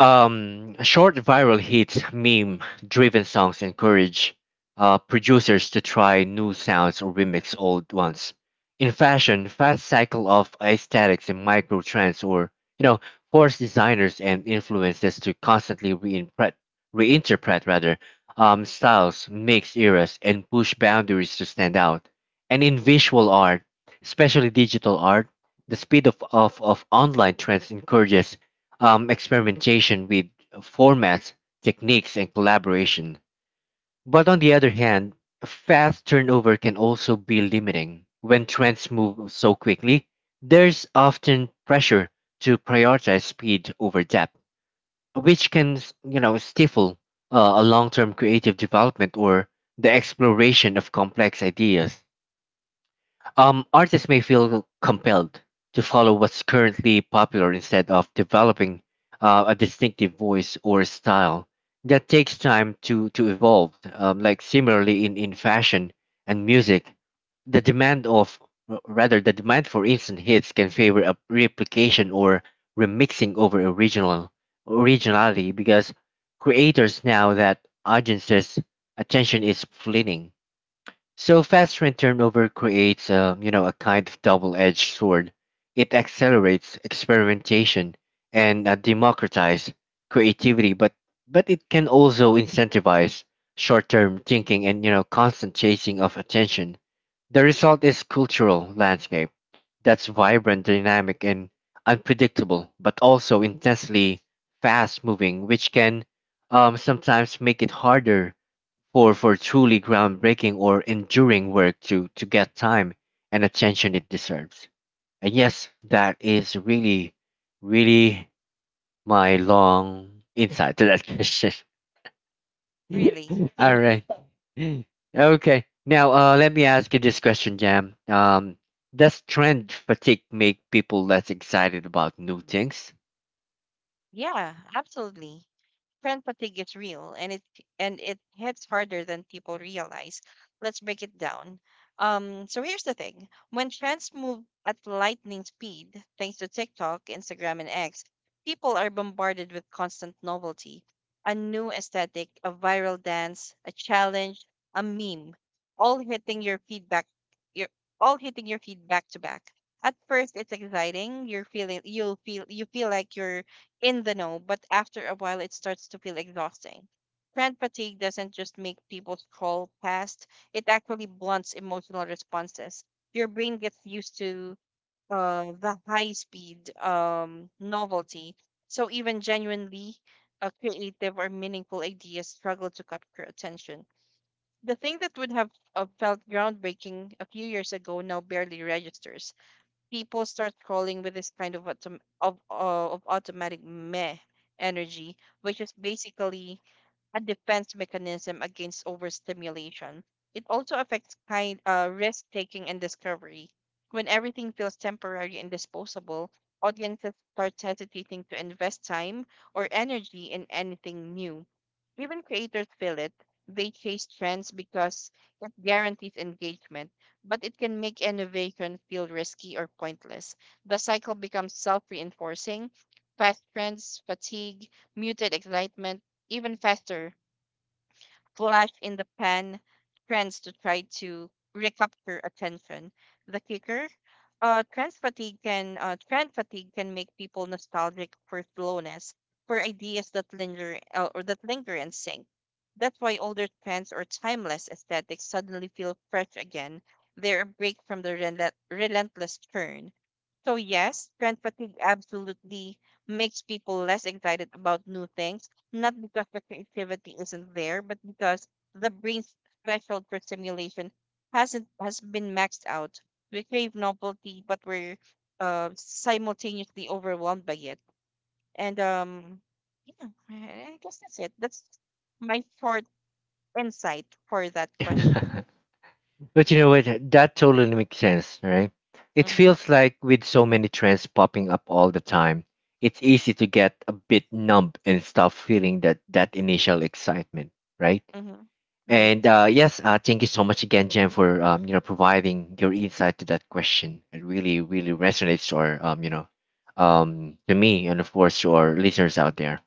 Speaker 1: short viral hits, meme-driven songs encourage producers to try new sounds or remix old ones. In fashion, fast cycle of aesthetics and micro trends, or you know, force designers and influencers to constantly reinterpret rather, styles, mix eras, and push boundaries to stand out. And in visual art, especially digital art, the speed of online trends encourages experimentation with formats, techniques, and collaboration. But on the other hand, fast turnover can also be limiting. When trends move so quickly, there's often pressure to prioritize speed over depth, which can, stifle a long-term creative development or the exploration of complex ideas. Artists may feel compelled to follow what's currently popular instead of developing a distinctive voice or style that takes time to evolve. Like, similarly in fashion and music, the demand rather the demand for instant hits can favor a replication or remixing over original originality, because creators now that audiences' attention is fleeting. So fast train turnover creates a kind of double-edged sword. It accelerates experimentation and democratize creativity, but it can also incentivize short-term thinking and constant chasing of attention. The result is cultural landscape that's vibrant, dynamic, and unpredictable, but also intensely fast-moving, which can, sometimes make it harder for truly groundbreaking or enduring work to get time and attention it deserves. And yes, that is really, really my long insight to that question.
Speaker 2: Really?
Speaker 1: All right. Okay. Now, let me ask you this question, Jam. Does trend fatigue make people less excited about new things?
Speaker 2: Yeah, absolutely. Trend fatigue is real, and it hits harder than people realize. Let's break it down. So here's the thing. When trends move at lightning speed, thanks to TikTok, Instagram, and X, people are bombarded with constant novelty. A new aesthetic, a viral dance, a challenge, a meme, all hitting your feedback your all hitting your feed back to back. At first it's exciting. You feel like you're in the know, but after a while it starts to feel exhausting. Trend fatigue doesn't just make people scroll past, it actually blunts emotional responses. Your brain gets used to the high speed novelty, so even genuinely creative or meaningful ideas struggle to capture attention. The thing that would have felt groundbreaking a few years ago now barely registers. People start scrolling with this kind of automatic meh energy, which is basically a defense mechanism against overstimulation. It also affects kind risk taking and discovery. When everything feels temporary and disposable, audiences start hesitating to invest time or energy in anything new. Even creators feel it. They chase trends because it guarantees engagement, but it can make innovation feel risky or pointless. The cycle becomes self reinforcing. Fast trends, fatigue, muted excitement, even faster flash in the pan trends to try to recapture attention. The kicker: trend fatigue can make people nostalgic for slowness, for ideas that linger and sink. That's why older trends or timeless aesthetics suddenly feel fresh again. They're a break from the relentless churn. So yes, trend fatigue absolutely makes people less excited about new things, not because the creativity isn't there, but because the brain's threshold for stimulation hasn't has been maxed out. We crave novelty, but we're simultaneously overwhelmed by it. And yeah, I guess that's it. That's my short insight for that question.
Speaker 1: But you know what? That totally makes sense, right? It
Speaker 2: Mm-hmm.
Speaker 1: feels like with so many trends popping up all the time, it's easy to get a bit numb and stop feeling that initial excitement, right?
Speaker 2: Mm-hmm.
Speaker 1: And
Speaker 2: Right.
Speaker 1: yes, thank you so much again, Jen, for providing your insight to that question. It really, really resonates, to me, and of course, to our listeners out there.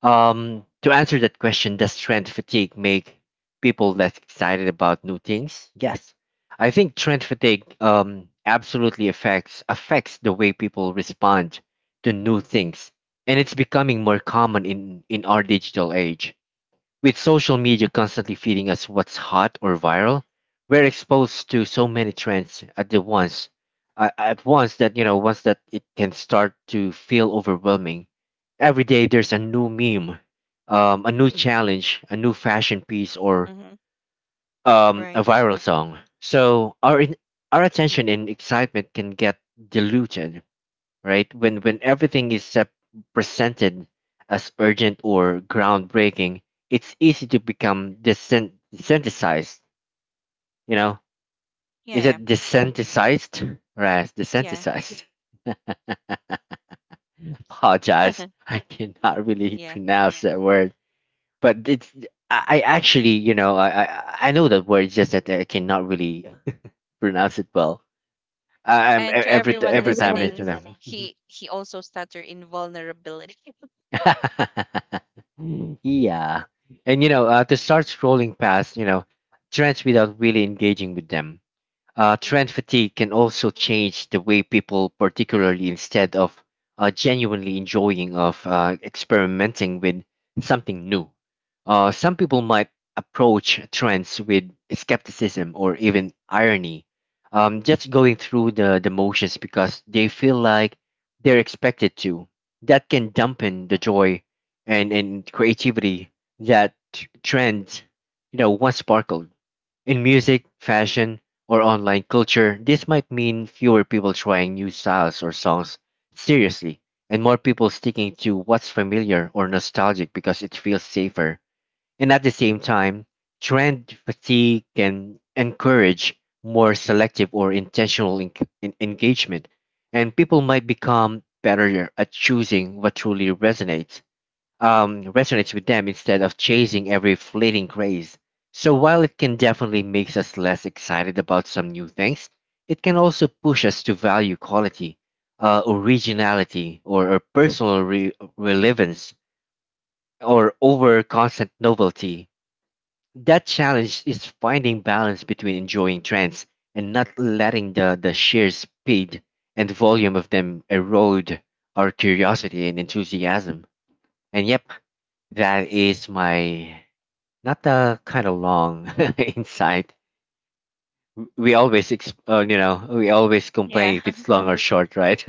Speaker 1: To answer that question, does trend fatigue make people less excited about new things? Yes, I think trend fatigue absolutely affects the way people respond to new things, and it's becoming more common in our digital age. With social media constantly feeding us what's hot or viral, we're exposed to so many trends at once, that once that it can start to feel overwhelming. Every day there's a new meme, a new challenge, a new fashion piece, or
Speaker 2: Mm-hmm.
Speaker 1: a
Speaker 2: Right.
Speaker 1: viral song. So our our attention and excitement can get diluted, right? When everything is presented as urgent or groundbreaking, it's easy to become desensitized. You know, is
Speaker 2: Yeah.
Speaker 1: it desensitized? Right,
Speaker 2: Yeah.
Speaker 1: desensitized. Apologize,
Speaker 2: Yeah.
Speaker 1: I cannot really
Speaker 2: Yeah.
Speaker 1: pronounce that word. But it's I actually, I know that word. It's just that I cannot really pronounce it well. I'm
Speaker 2: And to
Speaker 1: every
Speaker 2: everyone
Speaker 1: every time it's, you
Speaker 2: listening,
Speaker 1: know,
Speaker 2: he also stutter in vulnerability.
Speaker 1: yeah. And to start scrolling past, trends without really engaging with them. Trend fatigue can also change the way people, particularly instead of genuinely enjoying of experimenting with something new. Some people might approach trends with skepticism or even irony, just going through the motions because they feel like they're expected to. That can dampen the joy and creativity that trends, once sparkled. In music, fashion, or online culture, this might mean fewer people trying new styles or songs seriously, and more people sticking to what's familiar or nostalgic because it feels safer. And at the same time, trend fatigue can encourage more selective or intentional engagement, and people might become better at choosing what truly resonates with them instead of chasing every fleeting craze. So while it can definitely make us less excited about some new things, it can also push us to value quality, originality, or personal relevance, or over constant novelty. That challenge is finding balance between enjoying trends and not letting the sheer speed and volume of them erode our curiosity and enthusiasm. And yep, that is my not the kind of long insight. We always, ex- you know, we always complain
Speaker 2: Yeah.
Speaker 1: if it's long or short, right?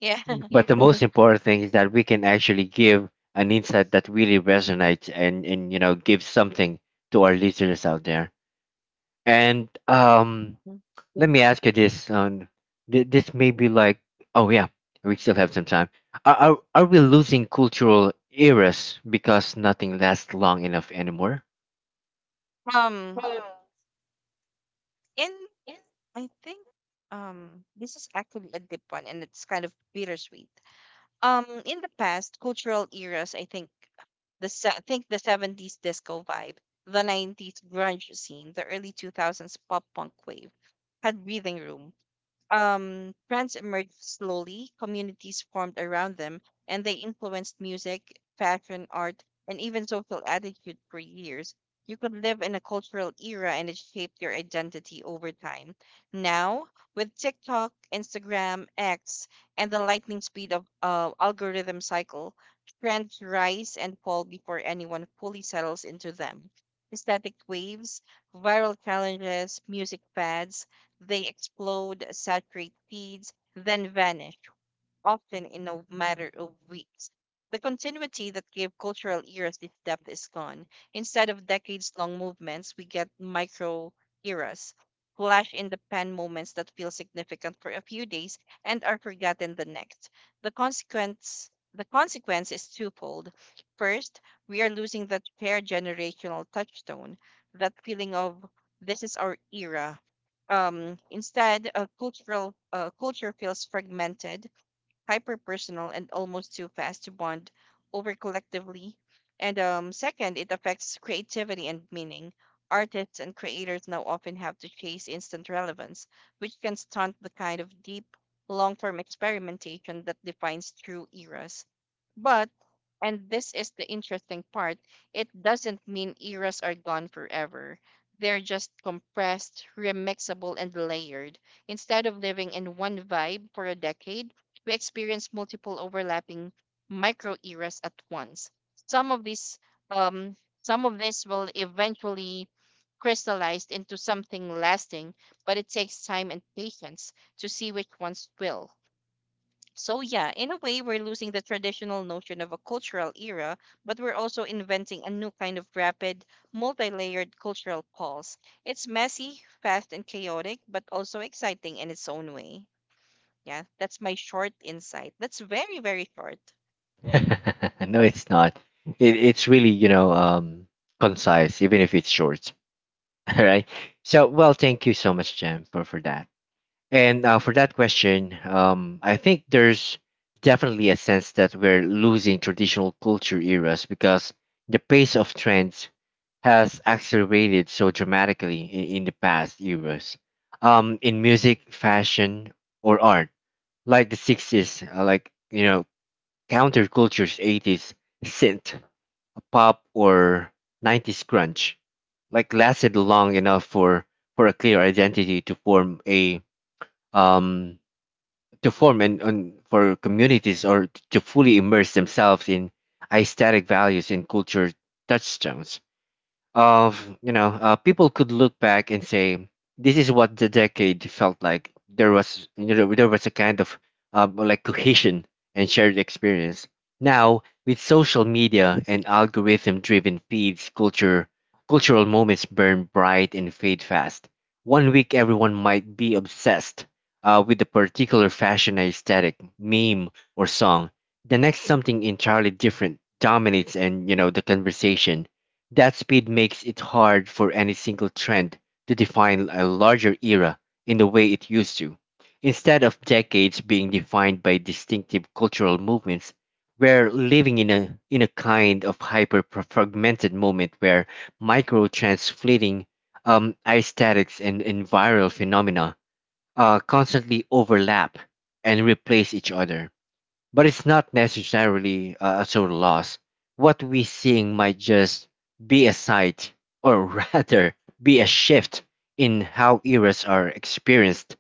Speaker 2: Yeah.
Speaker 1: But the most important thing is that we can actually give an insight that really resonates, and gives something to our listeners out there. And let me ask you this. This may be like, oh yeah, we still have some time. Are we losing cultural eras because nothing lasts long enough anymore?
Speaker 2: Um in I think this is actually a deep one and it's kind of bittersweet. In the past cultural eras, I think the 70s disco vibe, the 90s grunge scene, the early 2000s pop punk wave had breathing room. Trends emerged slowly, communities formed around them, and they influenced music, fashion, art, and even social attitude for years. You could live in a cultural era and it shaped your identity over time. Now, with TikTok, Instagram, X, and the lightning speed of algorithm cycle, trends rise and fall before anyone fully settles into them. Aesthetic waves, viral challenges, music fads — they explode, saturate feeds, then vanish, often in a matter of weeks. The continuity that gave cultural eras this depth is gone. Instead of decades long movements, we get micro eras, flash in the pan moments that feel significant for a few days and are forgotten the next. The consequence is twofold. First, we are losing that shared generational touchstone, that feeling of this is our era. Instead, a cultural culture feels fragmented, hyper personal, and almost too fast to bond over collectively. And Second, it affects creativity and meaning. Artists and creators now often have to chase instant relevance, which can stunt the kind of deep, long form experimentation that defines true eras. But, and this is the interesting part, it doesn't mean eras are gone forever. They're just compressed, remixable, and layered. Instead of living in one vibe for a decade, we experience multiple overlapping micro eras at once. Some of these um, some of this will eventually crystallize into something lasting, but it takes time and patience to see which ones will. So yeah, in a way we're losing the traditional notion of a cultural era, but we're also inventing a new kind of rapid, multi-layered cultural pulse. It's messy, fast and chaotic, but also exciting in its own way. Yeah, that's my short insight. That's very, very short.
Speaker 1: No, it's not. It's really, concise, even if it's short. All right. So, well, thank you so much, Jem, for that. And for that question, I think there's definitely a sense that we're losing traditional culture eras because the pace of trends has accelerated so dramatically in the past eras. In music, fashion, or art, like the 60s, like, you know, counterculture's 80s synth pop, or 90s grunge, like lasted long enough for a clear identity to form a, um to form and an, for communities or to fully immerse themselves in aesthetic values and culture touchstones of, people could look back and say, this is what the decade felt like. There was, there was a kind of, like, cohesion and shared experience. Now with social media and algorithm driven feeds, culture cultural moments burn bright and fade fast. One week everyone might be obsessed, with a particular fashion aesthetic meme or song. The next, something entirely different dominates, and the conversation. That speed makes it hard for any single trend to define a larger era in the way it used to. Instead of decades being defined by distinctive cultural movements, we're living in a kind of hyper fragmented moment where micro trends, fleeting aesthetics, and viral phenomena constantly overlap and replace each other. But it's not necessarily a total loss. What we seeing might just be a sight, or rather, be a shift in how eras are experienced.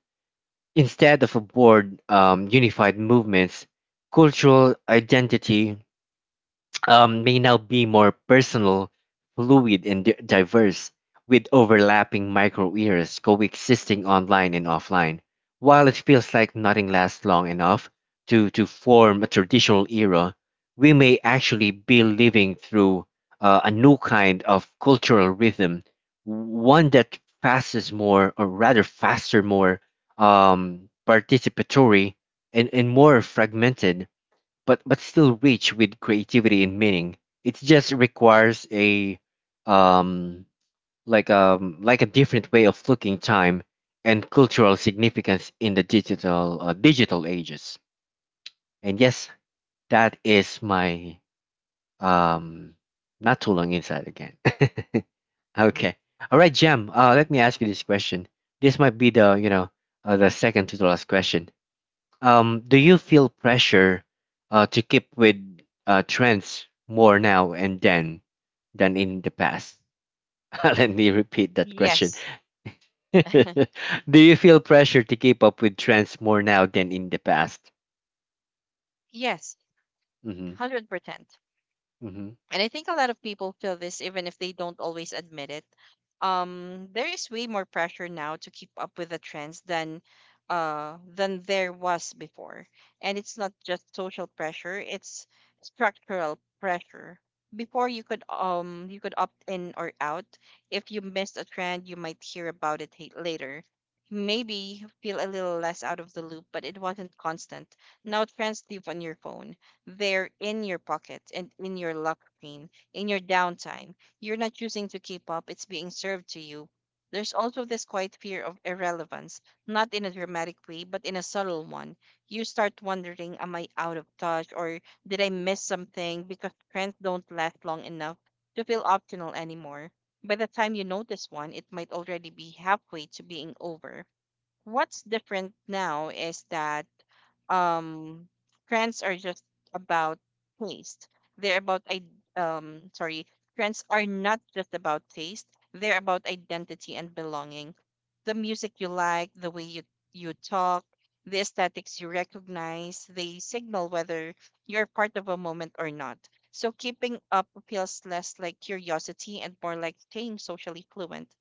Speaker 1: Instead of a broad, unified movements, cultural identity may now be more personal, fluid, and diverse, with overlapping micro eras coexisting online and offline. While it feels like nothing lasts long enough to form a traditional era, we may actually be living through a new kind of cultural rhythm, one that passes more, or rather faster, more participatory, and more fragmented but still rich with creativity and meaning. It just requires a um like a different way of looking time and cultural significance in the digital digital ages. And yes, that is my um not too long inside again. Okay. All right, Jam. Let me ask you this question. This might be the the second to the last question. Do you feel pressure to keep with trends more now and then than in the past? Let me repeat that question.
Speaker 2: Yes.
Speaker 1: Do you feel pressure to keep up with trends more now than in the past?
Speaker 2: Yes,
Speaker 1: Hmm.
Speaker 2: 100%.
Speaker 1: Hmm.
Speaker 2: And I think a lot of people feel this even if they don't always admit it. There is way more pressure now to keep up with the trends than than there was before. And it's not just social pressure, it's structural pressure. Before you could opt in or out. If you missed a trend, you might hear about it later. Maybe feel a little less out of the loop, but it wasn't constant. Now trends live on your phone, they're in your pocket and in your lock screen, in your downtime. You're not choosing to keep up, it's being served to you. There's also this quiet fear of irrelevance, not in a dramatic way, but in a subtle one. You start wondering, am I out of touch or did I miss something? Because trends don't last long enough to feel optional anymore. By the time you notice one, it might already be halfway to being over. What's different now is that um trends are just about taste they're about I sorry trends are not just about taste, they're about identity and belonging. The music you like, the way you talk, the aesthetics you recognize, they signal whether you're part of a moment or not. So keeping up feels less like curiosity and more like staying socially fluent.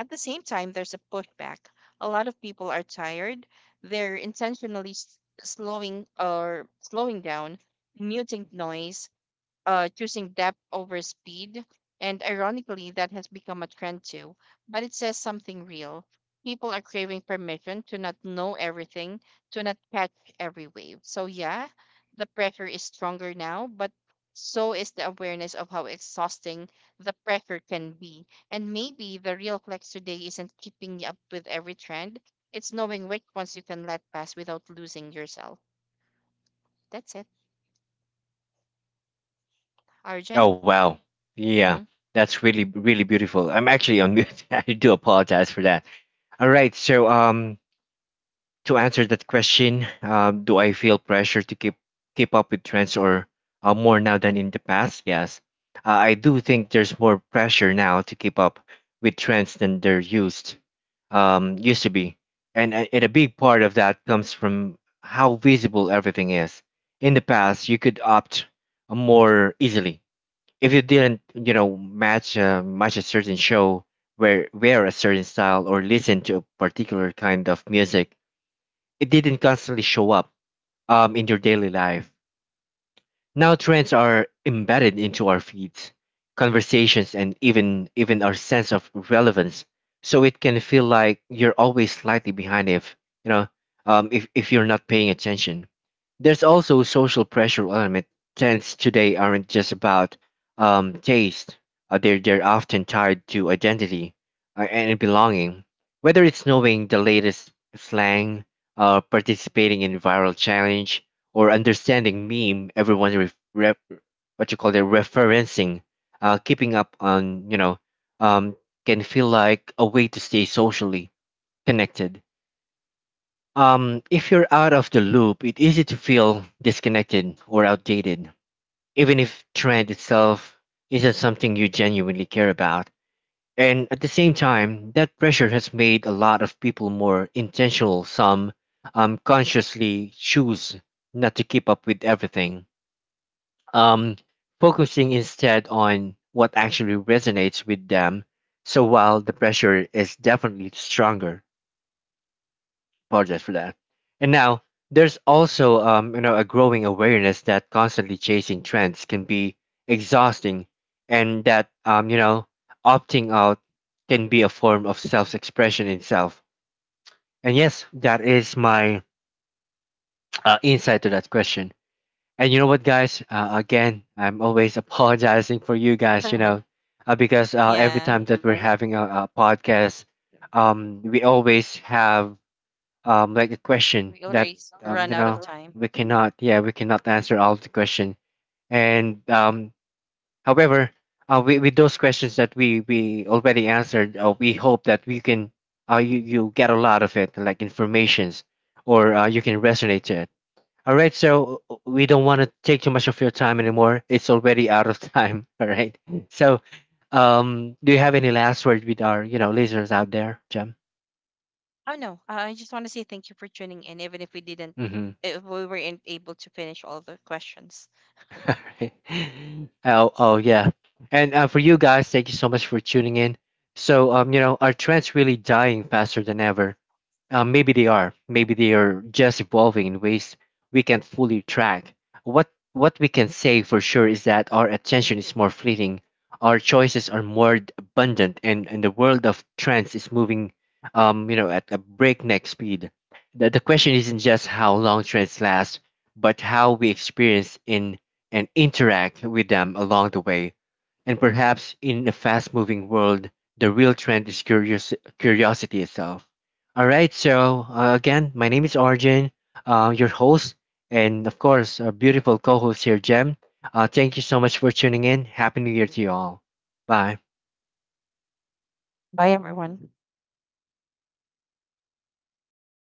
Speaker 2: At the same time, there's a pushback. A lot of people are tired. They're slowing or slowing down, muting noise, choosing depth over speed. And ironically, that has become a trend too. But it says something real. People are craving permission to not know everything, to not catch every wave. So, yeah, the pressure is stronger now, but so is the awareness of how exhausting the pressure can be. And maybe the real flex today isn't keeping up with every trend, it's knowing which ones you can let pass without losing yourself. That's it.
Speaker 1: Oh,
Speaker 2: Arjun?
Speaker 1: wow. Yeah,
Speaker 2: Hmm.
Speaker 1: that's really, really beautiful. I'm actually on mute. I do apologize for that. All right. So, to answer that question, do I feel pressure to keep up with trends or more now than in the past? Yes, I do think there's more pressure now to keep up with trends than there used used to be, and and a big part of that comes from how visible everything is. In the past, you could opt more easily if you didn't, you know, match match a certain show, wear a certain style, or listen to a particular kind of music. It didn't constantly show up in your daily life. Now trends are embedded into our feeds, conversations, and even our sense of relevance. So it can feel like you're always slightly behind if you know if you're not paying attention. There's also social pressure element. Trends today aren't just about taste. They're often tied to identity and belonging. Whether it's knowing the latest slang, participating in viral challenge, or understanding meme everyone what you call it referencing, keeping up on um, can feel like a way to stay socially connected. If you're out of the loop, it's easy to feel disconnected or outdated even if trend itself isn't something you genuinely care about. And at the same time that pressure has made a lot of people more intentional. Some consciously choose not to keep up with everything, um, focusing instead on what actually resonates with them. So while the pressure is definitely stronger, apologize for that. And now there's also you know, a growing awareness that constantly chasing trends can be exhausting, and that you know, opting out can be a form of self-expression itself. And yes, that is my insight to that question. And you know what, guys? Again, I'm always apologizing for you guys, you know, because
Speaker 2: Yeah.
Speaker 1: every time that we're having a podcast, we always have like a question
Speaker 2: We already
Speaker 1: that,
Speaker 2: run
Speaker 1: you
Speaker 2: out of
Speaker 1: know,
Speaker 2: time.
Speaker 1: we cannot, yeah, we cannot answer all of the question. And however, with those questions that we already answered, we hope that we can, you get a lot of it, like informations, or you can resonate to it. All right, so we don't want to take too much of your time anymore. It's already out of time. All right. So, do you have any last words with our, you know, listeners out there, Jem?
Speaker 2: Oh no, I just want to say thank you for tuning in, even if we didn't,
Speaker 1: Mm-hmm.
Speaker 2: if we weren't able to finish all the questions.
Speaker 1: All right. Oh, oh yeah. And for you guys, thank you so much for tuning in. So, you know, our trend's really dying faster than ever. Maybe they are. Maybe they are just evolving in ways we can't fully track. What we can say for sure is that our attention is more fleeting, our choices are more abundant, and the world of trends is moving, you know, at a breakneck speed. The question isn't just how long trends last, but how we experience in and interact with them along the way. And perhaps in a fast moving world, the real trend is curiosity itself. All right, so again, my name is Arjun, your host, and of course, our beautiful co host here, Jem. Thank you so much for tuning in. Happy New Year to you all. Bye.
Speaker 2: Bye, everyone.